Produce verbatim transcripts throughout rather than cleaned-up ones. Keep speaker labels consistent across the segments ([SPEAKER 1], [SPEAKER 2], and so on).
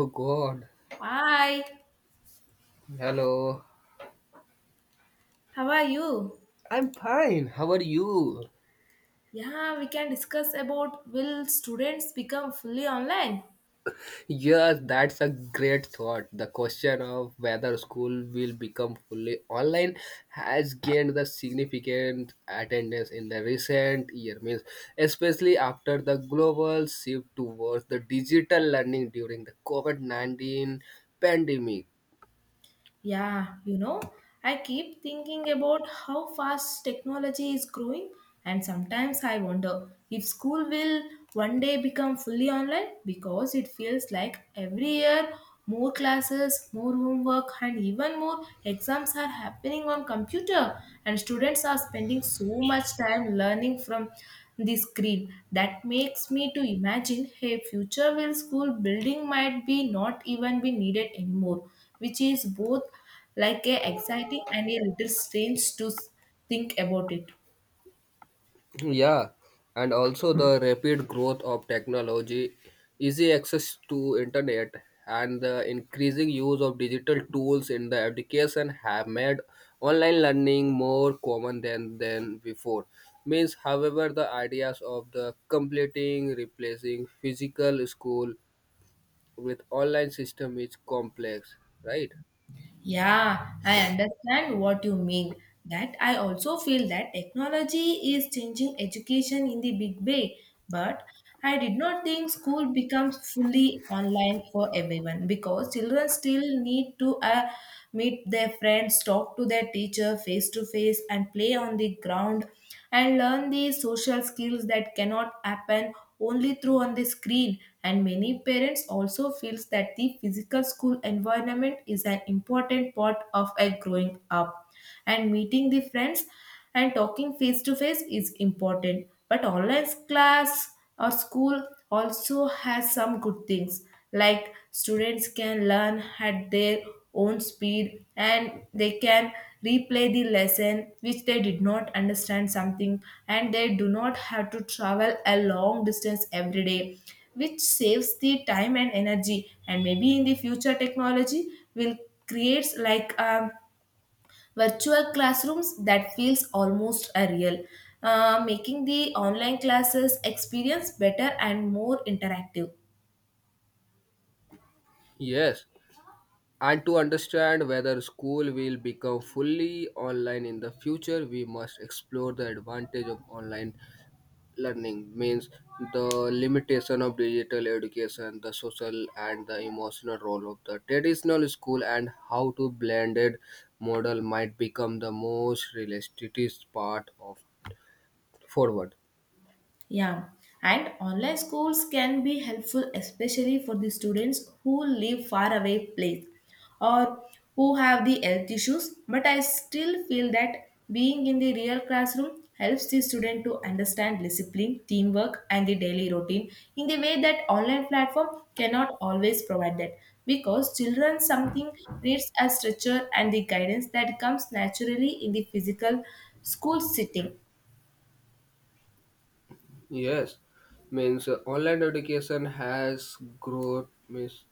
[SPEAKER 1] Oh God.
[SPEAKER 2] Hi,
[SPEAKER 1] Hello.
[SPEAKER 2] how are you?
[SPEAKER 1] I'm fine. How are you?
[SPEAKER 2] Yeah, we can discuss about will students become fully online?
[SPEAKER 1] Yes, that's a great thought. The question of whether school will become fully online has gained the significant attendance in the recent year means especially after the global shift towards the digital learning during the COVID nineteen pandemic.
[SPEAKER 2] Yeah, you know, I keep thinking about how fast technology is growing, and sometimes I wonder if school will one day become fully online because it feels like every year more classes, more homework, and even more exams are happening on computer, and students are spending so much time learning from the screen that makes me to imagine hey future will school building might be not even be needed anymore, which is both like a exciting and a little strange to s- think about it.
[SPEAKER 1] Yeah, and also the rapid growth of technology, easy access to internet, and the increasing use of digital tools in the education have made online learning more common than than before. Means, however, the ideas of the completing replacing physical school with online system is complex, right?
[SPEAKER 2] Yeah, I understand what you mean. That I also feel that technology is changing education in the big way, but I did not think school becomes fully online for everyone because children still need to uh, meet their friends, talk to their teacher face to face, and play on the ground. And learn the social skills that cannot happen only through on the screen, and many parents also feels that the physical school environment is an important part of a growing up, and meeting the friends and talking face to face is important, but online class or school also has some good things, like students can learn at their own speed and they can replay the lesson which they did not understand something, and they do not have to travel a long distance every day, which saves the time and energy. And maybe in the future technology will create like um, virtual classrooms that feels almost a real, uh, making the online classes experience better and more interactive.
[SPEAKER 1] Yes, and to understand whether school will become fully online in the future, we must explore the advantage of online learning, means the limitation of digital education, the social and the emotional role of the traditional school, and how to blended model might become the most realistic part of forward.
[SPEAKER 2] Yeah, and online schools can be helpful, especially for the students who live far away place or who have the health issues. But I still feel that being in the real classroom helps the student to understand discipline, teamwork, and the daily routine in the way that online platform cannot always provide that. Because children something needs a structure and the guidance that comes naturally in the physical school setting.
[SPEAKER 1] Yes, means uh, online education has growth means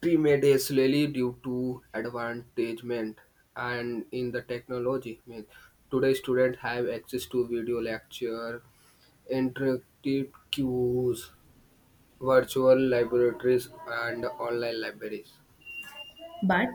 [SPEAKER 1] pre-made a slowly due to advantagement and in the technology. Means today students have access to video lecture, interactive cues, virtual laboratories and online libraries.
[SPEAKER 2] But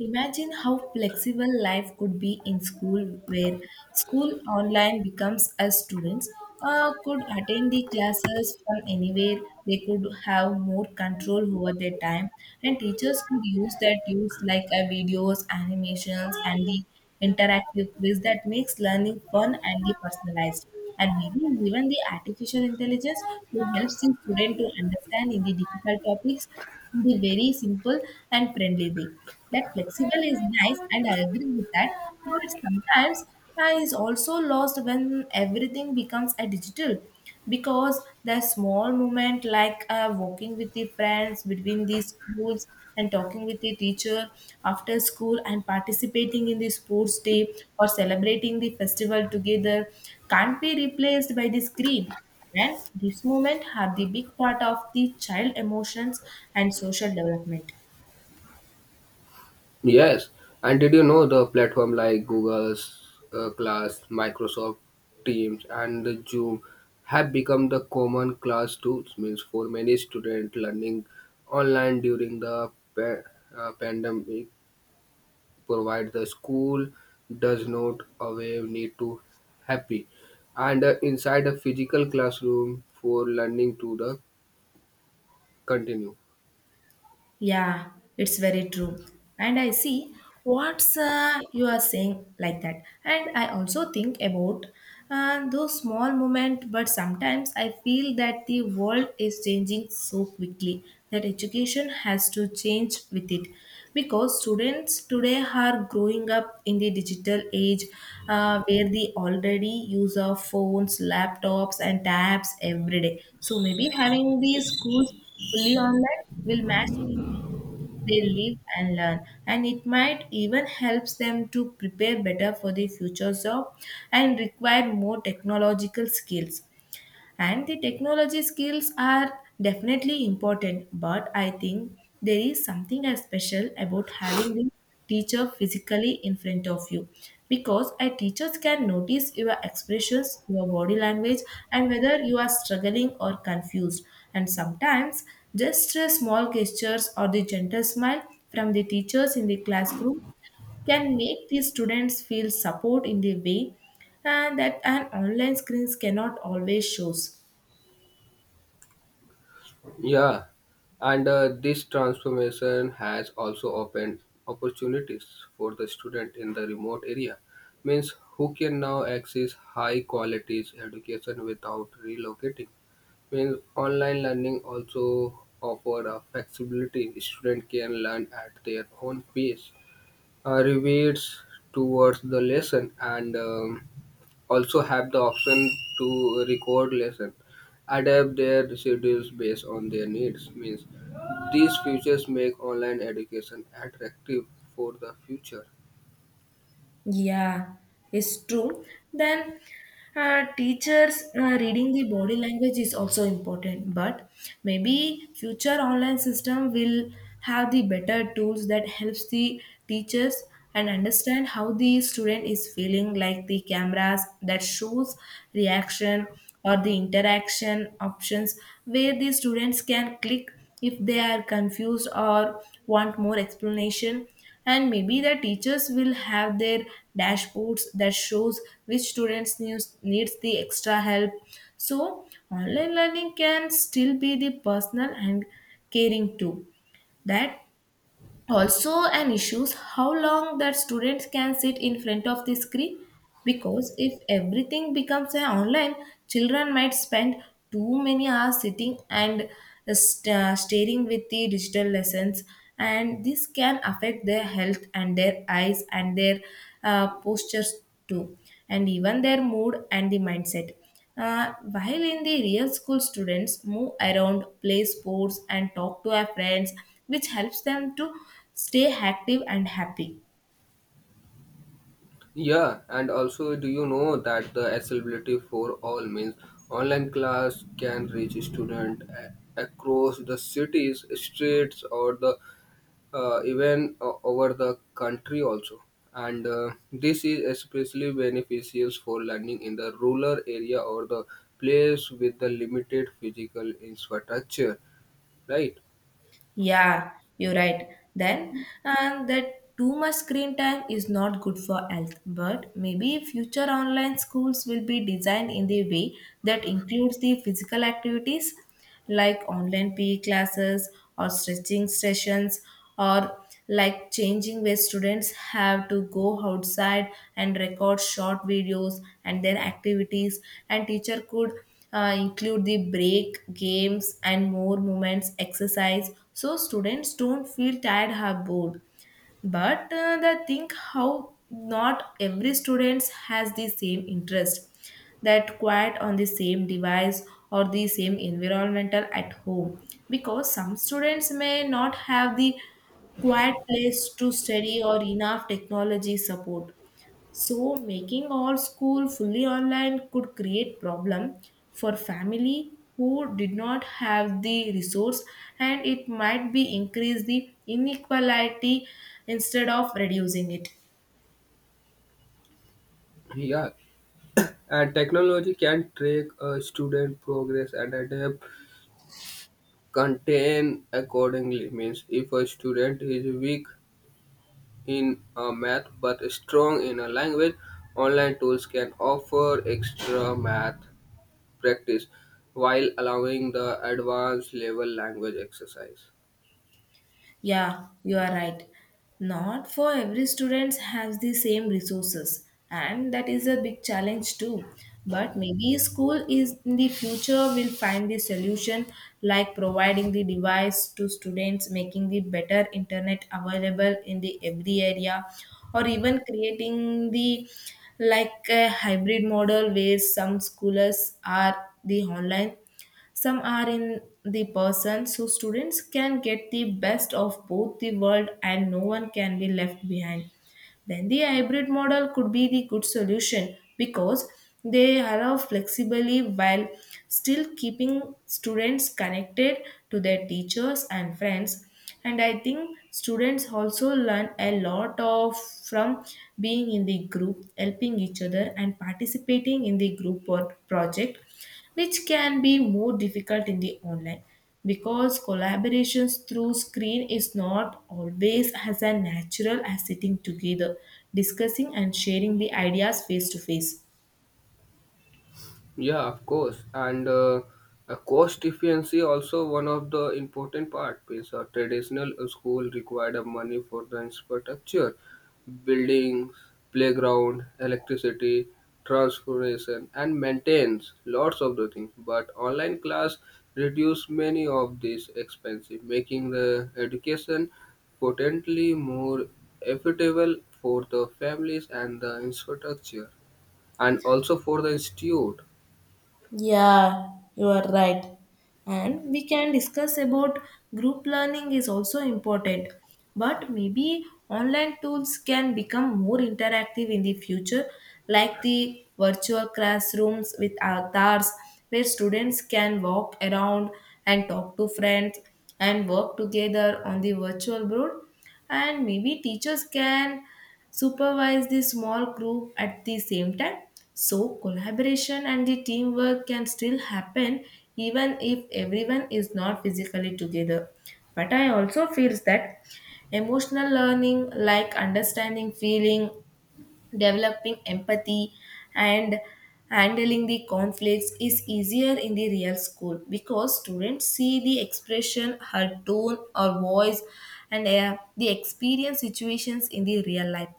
[SPEAKER 2] imagine how flexible life could be in school, where school online becomes as students uh, could attend the classes from anywhere. They could have more control over their time, and teachers could use their tools like uh, videos, animations, and the interactive quiz that makes learning fun and the personalized. And maybe even the artificial intelligence who helps the student to understand in the difficult topics in the very simple and friendly way. That flexible is nice and I agree with that, but sometimes I is also lost when everything becomes a digital, because the small moment like uh, walking with the friends between these schools and talking with the teacher after school and participating in the sports day or celebrating the festival together can't be replaced by the screen, and this moment have the big part of the child emotions and social development.
[SPEAKER 1] Yes, and did you know the platform like Google's uh, Class, Microsoft Teams, and the Zoom have become the common class tools? Means for many students learning online during the pa- uh, pandemic provide the school does not away need to happy and uh, inside a physical classroom for learning to the continue.
[SPEAKER 2] Yeah, it's very true. And I see what's uh, you are saying like that. And I also think about uh, those small moments, but sometimes I feel that the world is changing so quickly that education has to change with it. Because students today are growing up in the digital age, uh, where they already use of phones, laptops, and tabs every day. So maybe having the schools fully online will match they live and learn, and it might even helps them to prepare better for the future job and require more technological skills. And the technology skills are definitely important, but I think there is something as special about having the teacher physically in front of you, because a teacher can notice your expressions, your body language, and whether you are struggling or confused. And sometimes just a small gestures or the gentle smile from the teachers in the classroom can make the students feel support in the way, and that an online screens cannot always shows.
[SPEAKER 1] Yeah, and uh, this transformation has also opened opportunities for the student in the remote area means who can now access high qualities education without relocating means online learning also offer a flexibility student can learn at their own pace, uh, rebates towards the lesson and um, also have the option to record lesson adapt their schedules based on their needs means these features make online education attractive for the future.
[SPEAKER 2] Yeah, it's true. Then uh, teachers uh, reading the body language is also important, but maybe future online system will have the better tools that helps the teachers and understand how the student is feeling, like the cameras that shows reaction or the interaction options where the students can click if they are confused or want more explanation. And maybe the teachers will have their dashboards that shows which students needs, needs the extra help, so online learning can still be the personal and caring too. That also an issue is how long that students can sit in front of the screen, because if everything becomes an online, children might spend too many hours sitting and uh, st- uh, staring with the digital lessons, and this can affect their health and their eyes and their uh, postures too, and even their mood and the mindset. Uh, while in the real school, students move around, play sports, and talk to their friends, which helps them to stay active and happy.
[SPEAKER 1] Yeah, and also do you know that the accessibility for all means online class can reach student a- across the cities streets or the uh, even uh, over the country also. And uh, this is especially beneficial for learning in the rural area or the place with the limited physical infrastructure, right?
[SPEAKER 2] Yeah, you're right. Then, uh, that too much screen time is not good for health, but maybe future online schools will be designed in the way that includes the physical activities like online P E classes or stretching sessions, or like changing where students have to go outside and record short videos and their activities, and teacher could uh, include the break games and more moments exercise so students don't feel tired or bored. But uh, they think how not every student has the same interest, that quiet on the same device or the same environmental at home, because some students may not have the quiet place to study or enough technology support, so making all school fully online could create problem for family who did not have the resource, and it might be increase the inequality instead of reducing it.
[SPEAKER 1] Yeah, and technology can track a student progress and adapt contain accordingly means if a student is weak in a math but strong in a language, online tools can offer extra math practice while allowing the advanced level language exercise.
[SPEAKER 2] Yeah, you are right. Not for every student has the same resources, and that is a big challenge too. But maybe school is in the future will find the solution, like providing the device to students, making the better internet available in the every area, or even creating the like a hybrid model where some scholars are the online some are in the person, so students can get the best of both the world and no one can be left behind. Then the hybrid model could be the good solution because they allow flexibly while still keeping students connected to their teachers and friends. And I think students also learn a lot of from being in the group, helping each other, and participating in the group work project, which can be more difficult in the online because collaborations through screen is not always as a natural as sitting together discussing and sharing the ideas face to face.
[SPEAKER 1] Yeah, of course. And uh, uh, cost efficiency also one of the important part because a traditional school required a money for the infrastructure, buildings, playground, electricity, transportation, and maintenance. Lots of the things. But online class reduce many of these expenses, making the education potentially more affordable for the families and the infrastructure, and also for the institute.
[SPEAKER 2] Yeah, you are right. And we can discuss about group learning is also important. But maybe online tools can become more interactive in the future, like the virtual classrooms with avatars where students can walk around and talk to friends and work together on the virtual board, and maybe teachers can supervise the small group at the same time so collaboration and the teamwork can still happen even if everyone is not physically together. But I also feel that emotional learning like understanding feeling, developing empathy, and handling the conflicts is easier in the real school because students see the expression her tone or voice, and uh, they experience situations in the real life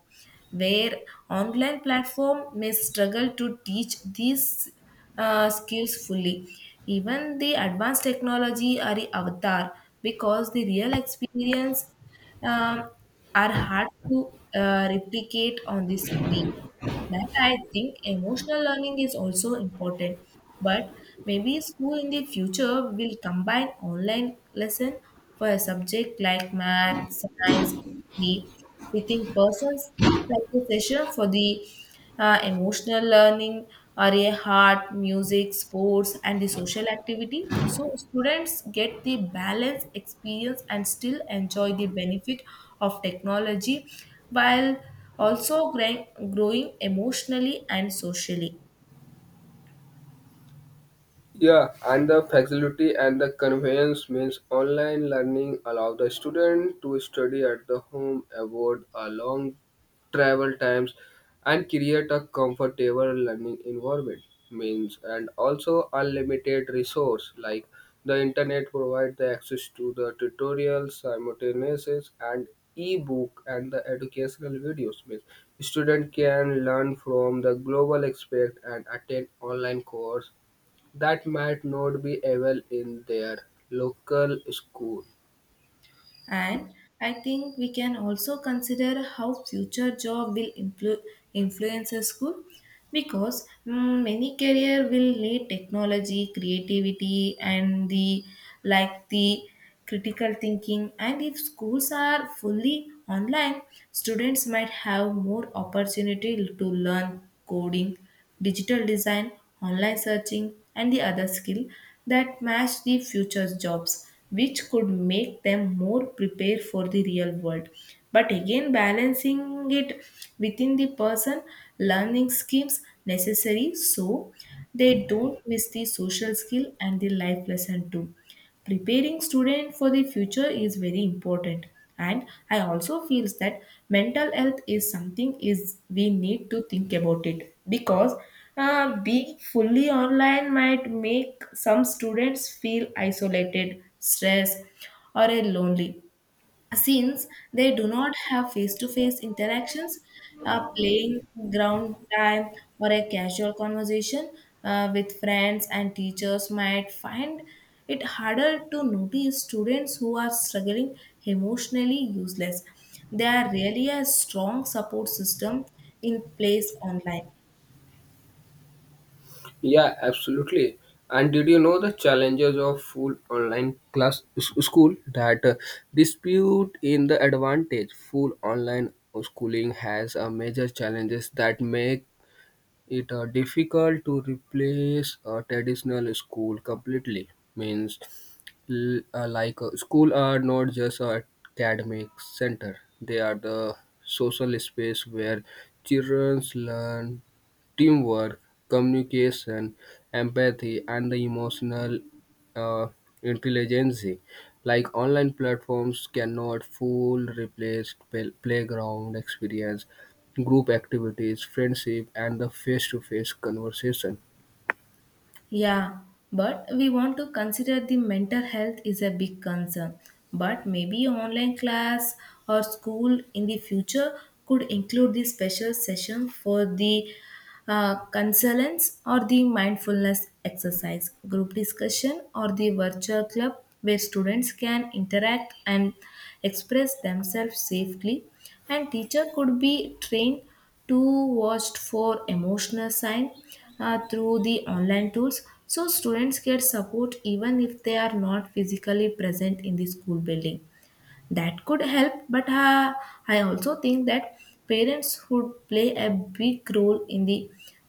[SPEAKER 2] where online platform may struggle to teach these uh, skills fully. Even the advanced technology are the avatar, because the real experience um, are hard to uh, replicate on the screen. That I think emotional learning is also important, but maybe school in the future will combine online lesson for a subject like math, science, history with in persons like a session for the uh, emotional learning are a art, music, sports, and the social activity. So students get the balance, experience, and still enjoy the benefit of technology while also growing growing emotionally and socially.
[SPEAKER 1] Yeah, and the facility and the convenience means online learning allow the student to study at the home, avoid a long travel times, and create a comfortable learning environment. Means and also unlimited resource like the internet provide the access to the tutorials, simultaneous and e-book and the educational videos. Means student can learn from the global aspect and attend online course that might not be available in their local school.
[SPEAKER 2] And I think we can also consider how future job will influ- influence a school, because mm, many career will need technology, creativity and the like the critical thinking, and if schools are fully online students might have more opportunity to learn coding, digital design, online searching, and the other skill that match the future's jobs, which could make them more prepared for the real world. But again, balancing it within the person, learning schemes necessary so they don't miss the social skill and the life lesson too. Preparing student for the future is very important, and I also feels that mental health is something is we need to think about it, because uh, being fully online might make some students feel isolated stressed or uh, lonely, since they do not have face to face interactions, uh, playing ground time, or a casual conversation uh, with friends, and teachers might find it harder to notice students who are struggling emotionally useless. There are really a strong support system in place online.
[SPEAKER 1] Yeah, absolutely. And did you know the challenges of full online class s- school that uh, dispute in the advantage? Full online schooling has a major challenges that make it uh, difficult to replace a traditional school completely. Means l- uh, like uh, school are not just a academic center, they are the social space where children learn teamwork, communication, empathy and the emotional uh, intelligence, like online platforms cannot full replace play- playground experience, group activities, friendship and the face-to-face conversation.
[SPEAKER 2] Yeah, but we want to consider the mental health is a big concern. But maybe online class or school in the future could include the special session for the uh, consultants or the mindfulness exercise, group discussion, or the virtual club where students can interact and express themselves safely. And teacher could be trained to watched for emotional sign uh, through the online tools so students get support even if they are not physically present in the school building. That could help, but uh, I also think that parents would play a big role in the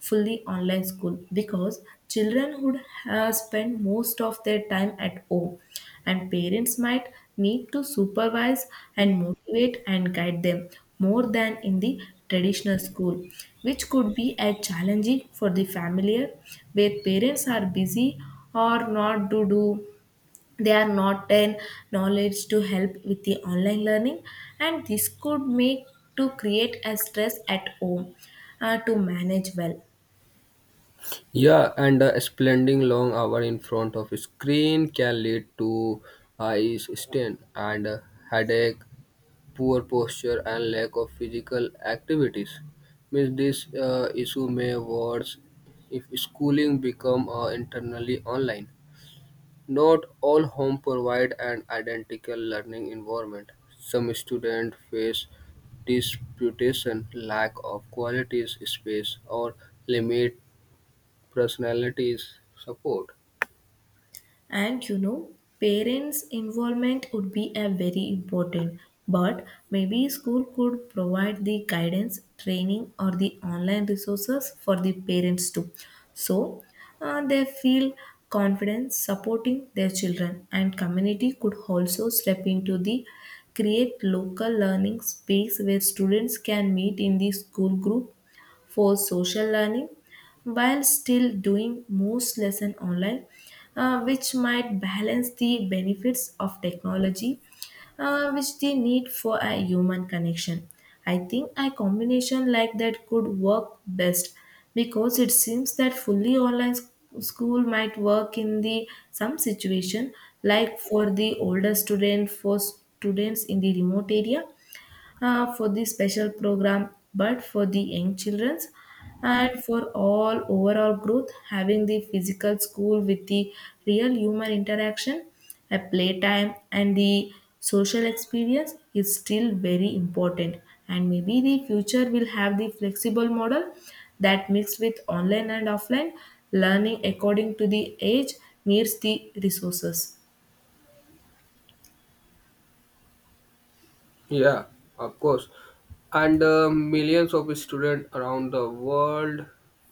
[SPEAKER 2] fully online school because children would uh, spend most of their time at home, and parents might need to supervise and motivate and guide them more than in the traditional school, which could be a challenging for the familiar where parents are busy or not to do, they are not in knowledge to help with the online learning, and this could make to create a stress at home uh, to manage well.
[SPEAKER 1] Yeah, and uh, spending long hour in front of screen can lead to eye strain and uh, headache, poor posture, and lack of physical activities. Means this uh, issue may worse if schooling become uh, internally online. Not all home provide an identical learning environment. Some students face disputation, lack of quality space, or limit personalities support.
[SPEAKER 2] And you know, parents' involvement would be a very important, but maybe school could provide the guidance, training, or the online resources for the parents too. So uh, they feel confident supporting their children, and community could also step into the create local learning space where students can meet in the school group for social learning while still doing most lesson online, uh, which might balance the benefits of technology, uh, which they need for a human connection. I think a combination like that could work best, because it seems that fully online s- school might work in the some situation, like for the older student, for students in the remote area, uh, for the special program, but for the young childrens and for all overall growth, having the physical school with the real human interaction, a playtime, and the social experience is still very important. And maybe the future will have the flexible model that mixed with online and offline learning according to the age needs the resources.
[SPEAKER 1] Yeah, of course. And uh, millions of students around the world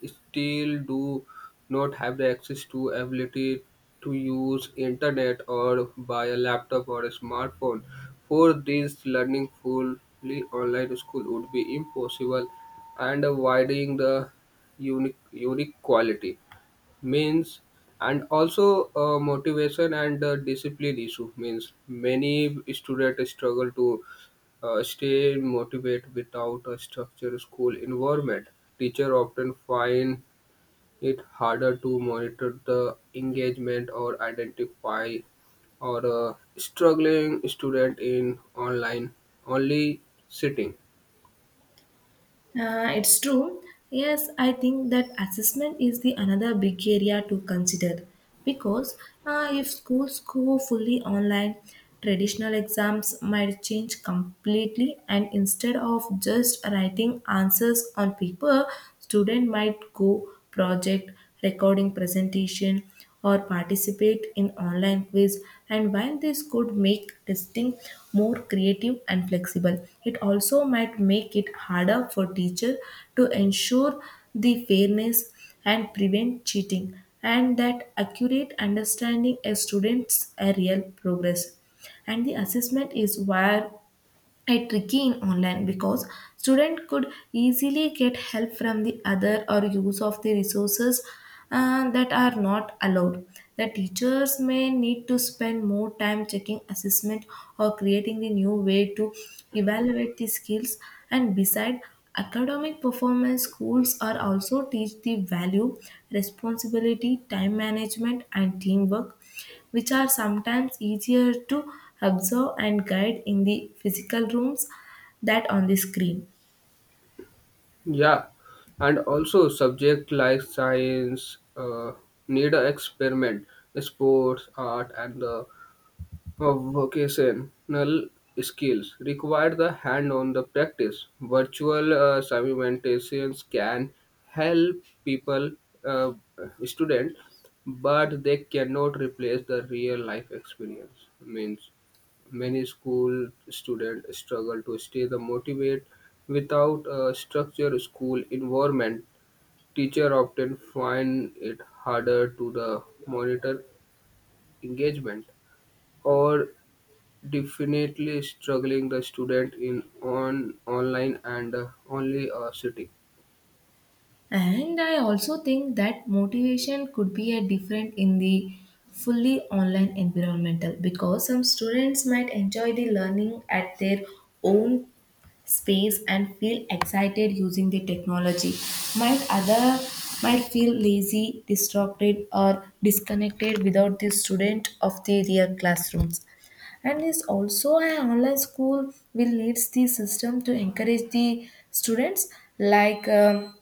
[SPEAKER 1] still do not have the access to ability to use internet or buy a laptop or a smartphone. For these, learning fully online school would be impossible and uh, widening the unique, unique quality. Means and also uh, motivation and the discipline issue means many students struggle to uh, stay motivated without a structured school environment. Teacher often find it harder to monitor the engagement or identify or uh, struggling student in online only sitting.
[SPEAKER 2] Uh, it's true. Yes, I think that assessment is the another big area to consider, because uh, if schools go fully online, traditional exams might change completely, and instead of just writing answers on paper, student might go project, recording presentation, or participate in online quiz. And while this could make testing more creative and flexible, it also might make it harder for teacher to ensure the fairness and prevent cheating and that accurate understanding a student's uh, real progress. And the assessment is where a tricky in online, because student could easily get help from the other or use of the resources uh, that are not allowed. The teachers may need to spend more time checking assessment or creating the new way to evaluate the skills. And beside academic performance, schools are also teach the value, responsibility, time management, and teamwork, which are sometimes easier to observe and guide in the physical rooms that on the screen.
[SPEAKER 1] Yeah, and also subject like science uh, need a experiment, sports, art, and the of Vocational skills require the hand-on the practice. Virtual uh, simultaneous can help people, uh, student, but they cannot replace the real-life experience. Means many school students struggle to stay the motivate without a structured school environment. Teacher often find it harder to the monitor engagement or definitely struggling the student in on online and uh, only uh, city.
[SPEAKER 2] And I also think that motivation could be a different in the fully online environmental, because some students might enjoy the learning at their own space and feel excited using the technology, might other might feel lazy, distracted, or disconnected without the student of the real classrooms. And is also an online school will leads the system to encourage the students, like um,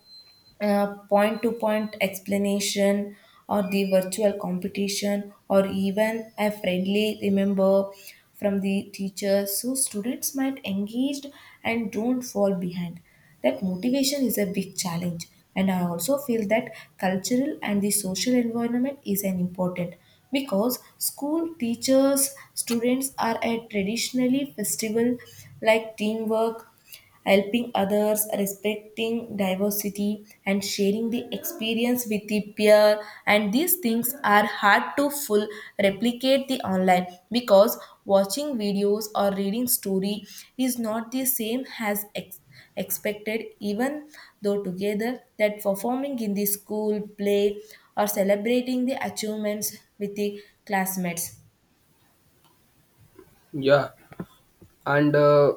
[SPEAKER 2] uh, point to point explanation or the virtual competition or even a friendly remember from the teacher, so students might engaged and don't fall behind. That motivation is a big challenge. And I also feel that cultural and the social environment is an important, because school teachers students are a traditionally festival, like teamwork, helping others, respecting diversity, and sharing the experience with the peer. And these things are hard to full replicate the online, because watching videos or reading story is not the same as ex- expected. Even though together, that performing in the school play or celebrating the achievements with the classmates.
[SPEAKER 1] Yeah, and uh,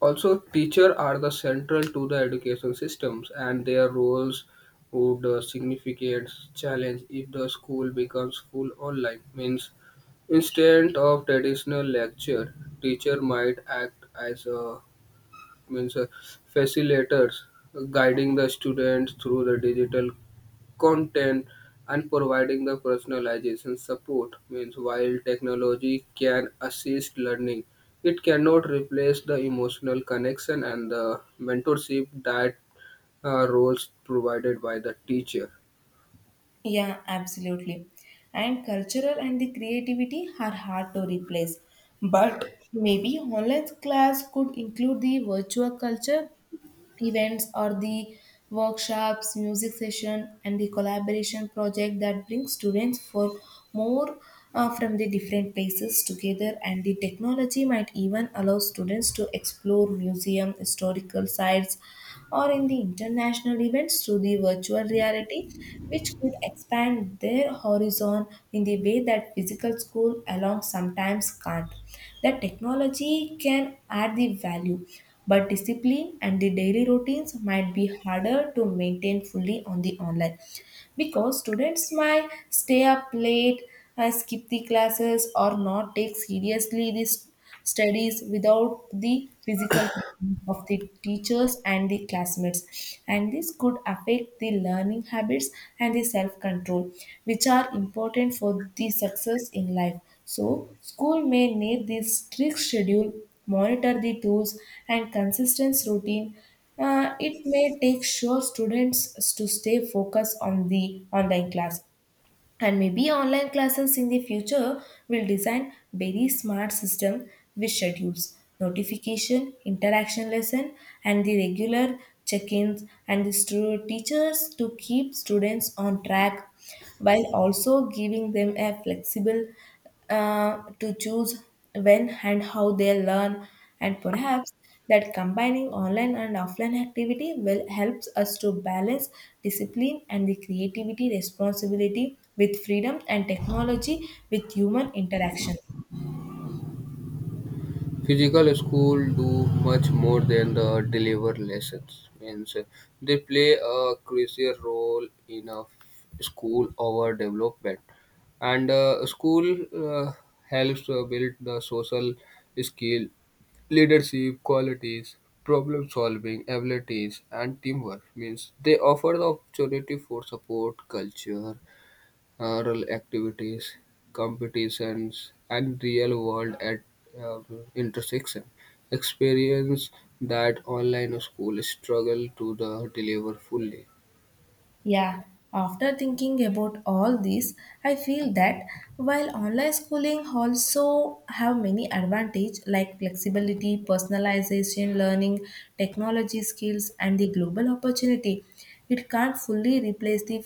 [SPEAKER 1] also teacher are the central to the education systems, and their roles would uh, significant challenge if the school becomes full online. Means instead of traditional lecture, teacher might act as a means uh, facilitators guiding the students through the digital content and providing the personalization support means while technology can assist learning, it cannot replace the emotional connection and the mentorship that uh, roles provided by the teacher.
[SPEAKER 2] Yeah, absolutely. And cultural and the creativity are hard to replace. But maybe online class could include the virtual culture events or the workshops, music session, and the collaboration project that bring students for more uh, from the different places together. And the technology might even allow students to explore museum, historical sites, or in the international events through the virtual reality, which could expand their horizon in the way that physical school alone sometimes can't. The technology can add the value, but discipline and the daily routines might be harder to maintain fully on the online, because students might stay up late, uh, skip the classes, or not take seriously this studies without the physical presence of the teachers and the classmates, and this could affect the learning habits and the self control, which are important for the success in life. So school may need this strict schedule, monitor the tools, and consistent routine. Uh, it may take sure students to stay focused on the online class. And maybe online classes in the future will design very smart system with schedules, notification, interaction lesson, and the regular check-ins and the stu- teachers to keep students on track while also giving them a flexible uh, to choose when and how they learn. And perhaps that combining online and offline activity will helps us to balance discipline and the creativity, responsibility with freedom, and technology with human interaction.
[SPEAKER 1] Physical school do much more than the deliver lessons. Means uh, they play a crucial role in a school over development, and uh, school uh, helps uh, build the social skill, leadership qualities, problem solving abilities, and teamwork. Means they offer the opportunity for support, culture, rural activities, competitions, and real world at uh, intersection. Experience that online school struggle to the deliver fully.
[SPEAKER 2] Yeah, after thinking about all this, I feel that while online schooling also have many advantage like flexibility, personalization, learning, technology skills, and the global opportunity, it can't fully replace the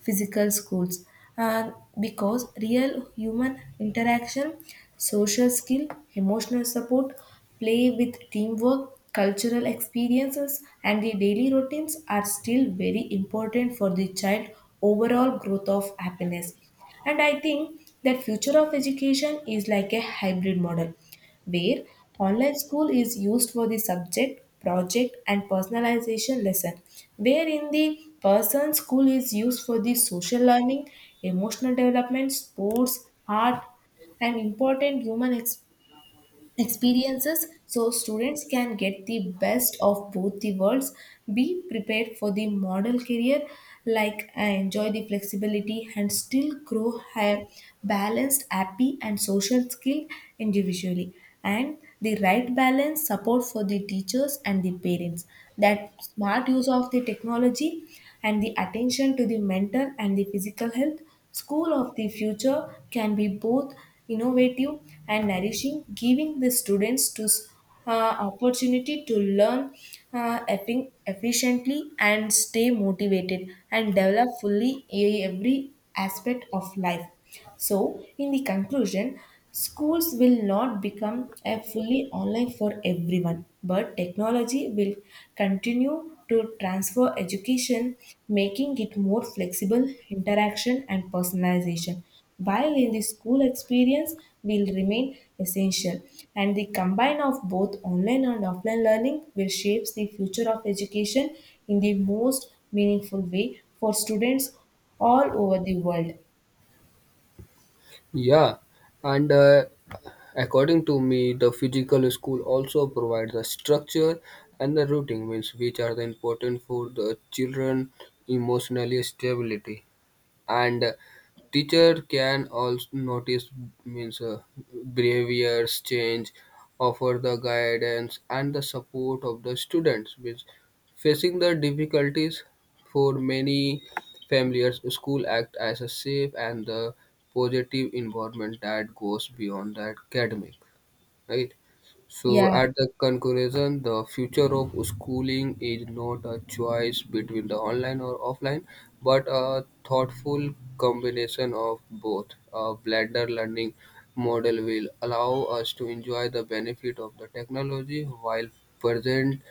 [SPEAKER 2] physical schools, uh, because real human interaction, social skill, emotional support, play with teamwork, cultural experiences, and the daily routines are still very important for the child overall growth of happiness. And I think that future of education is like a hybrid model, where online school is used for the subject, project, and personalization lesson, where in the person school is used for the social learning, emotional development, sports, art, and important human experience experiences, so students can get the best of both the worlds, be prepared for the model career, like uh, enjoy the flexibility and still grow a balanced, happy, and social skill individually. And the right balance support for the teachers and the parents, that smart use of the technology and the attention to the mental and the physical health, school of the future can be both innovative and nourishing, giving the students to s- uh, opportunity to learn uh, effi- efficiently and stay motivated and develop fully e- every aspect of life. So, in the conclusion, schools will not become a fully online for everyone, but technology will continue to transfer education, making it more flexible, interaction, and personalization. While in the school experience will remain essential, and the combine of both online and offline learning will shapes the future of education in the most meaningful way for students all over the world.
[SPEAKER 1] Yeah, and uh, according to me, the physical school also provides the structure and the routing means which are the important for the children emotionally stability. And teacher can also notice means uh, behaviors change, offer the guidance and the support of the students which facing the difficulties. For many families, school act as a safe and the positive environment that goes beyond the academic, right? So,
[SPEAKER 2] Yeah,
[SPEAKER 1] at the conclusion, the future of schooling is not a choice between the online or offline, but a thoughtful combination of both. A blended learning model will allow us to enjoy the benefit of the technology while present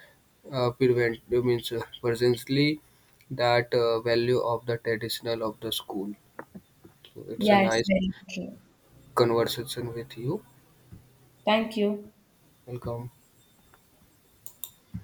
[SPEAKER 1] uh, prevent means uh, presently that uh, value of the traditional of the school. So, it's a
[SPEAKER 2] Yeah, it's
[SPEAKER 1] nice
[SPEAKER 2] very true.
[SPEAKER 1] conversation with you.
[SPEAKER 2] Thank you.
[SPEAKER 1] Welcome.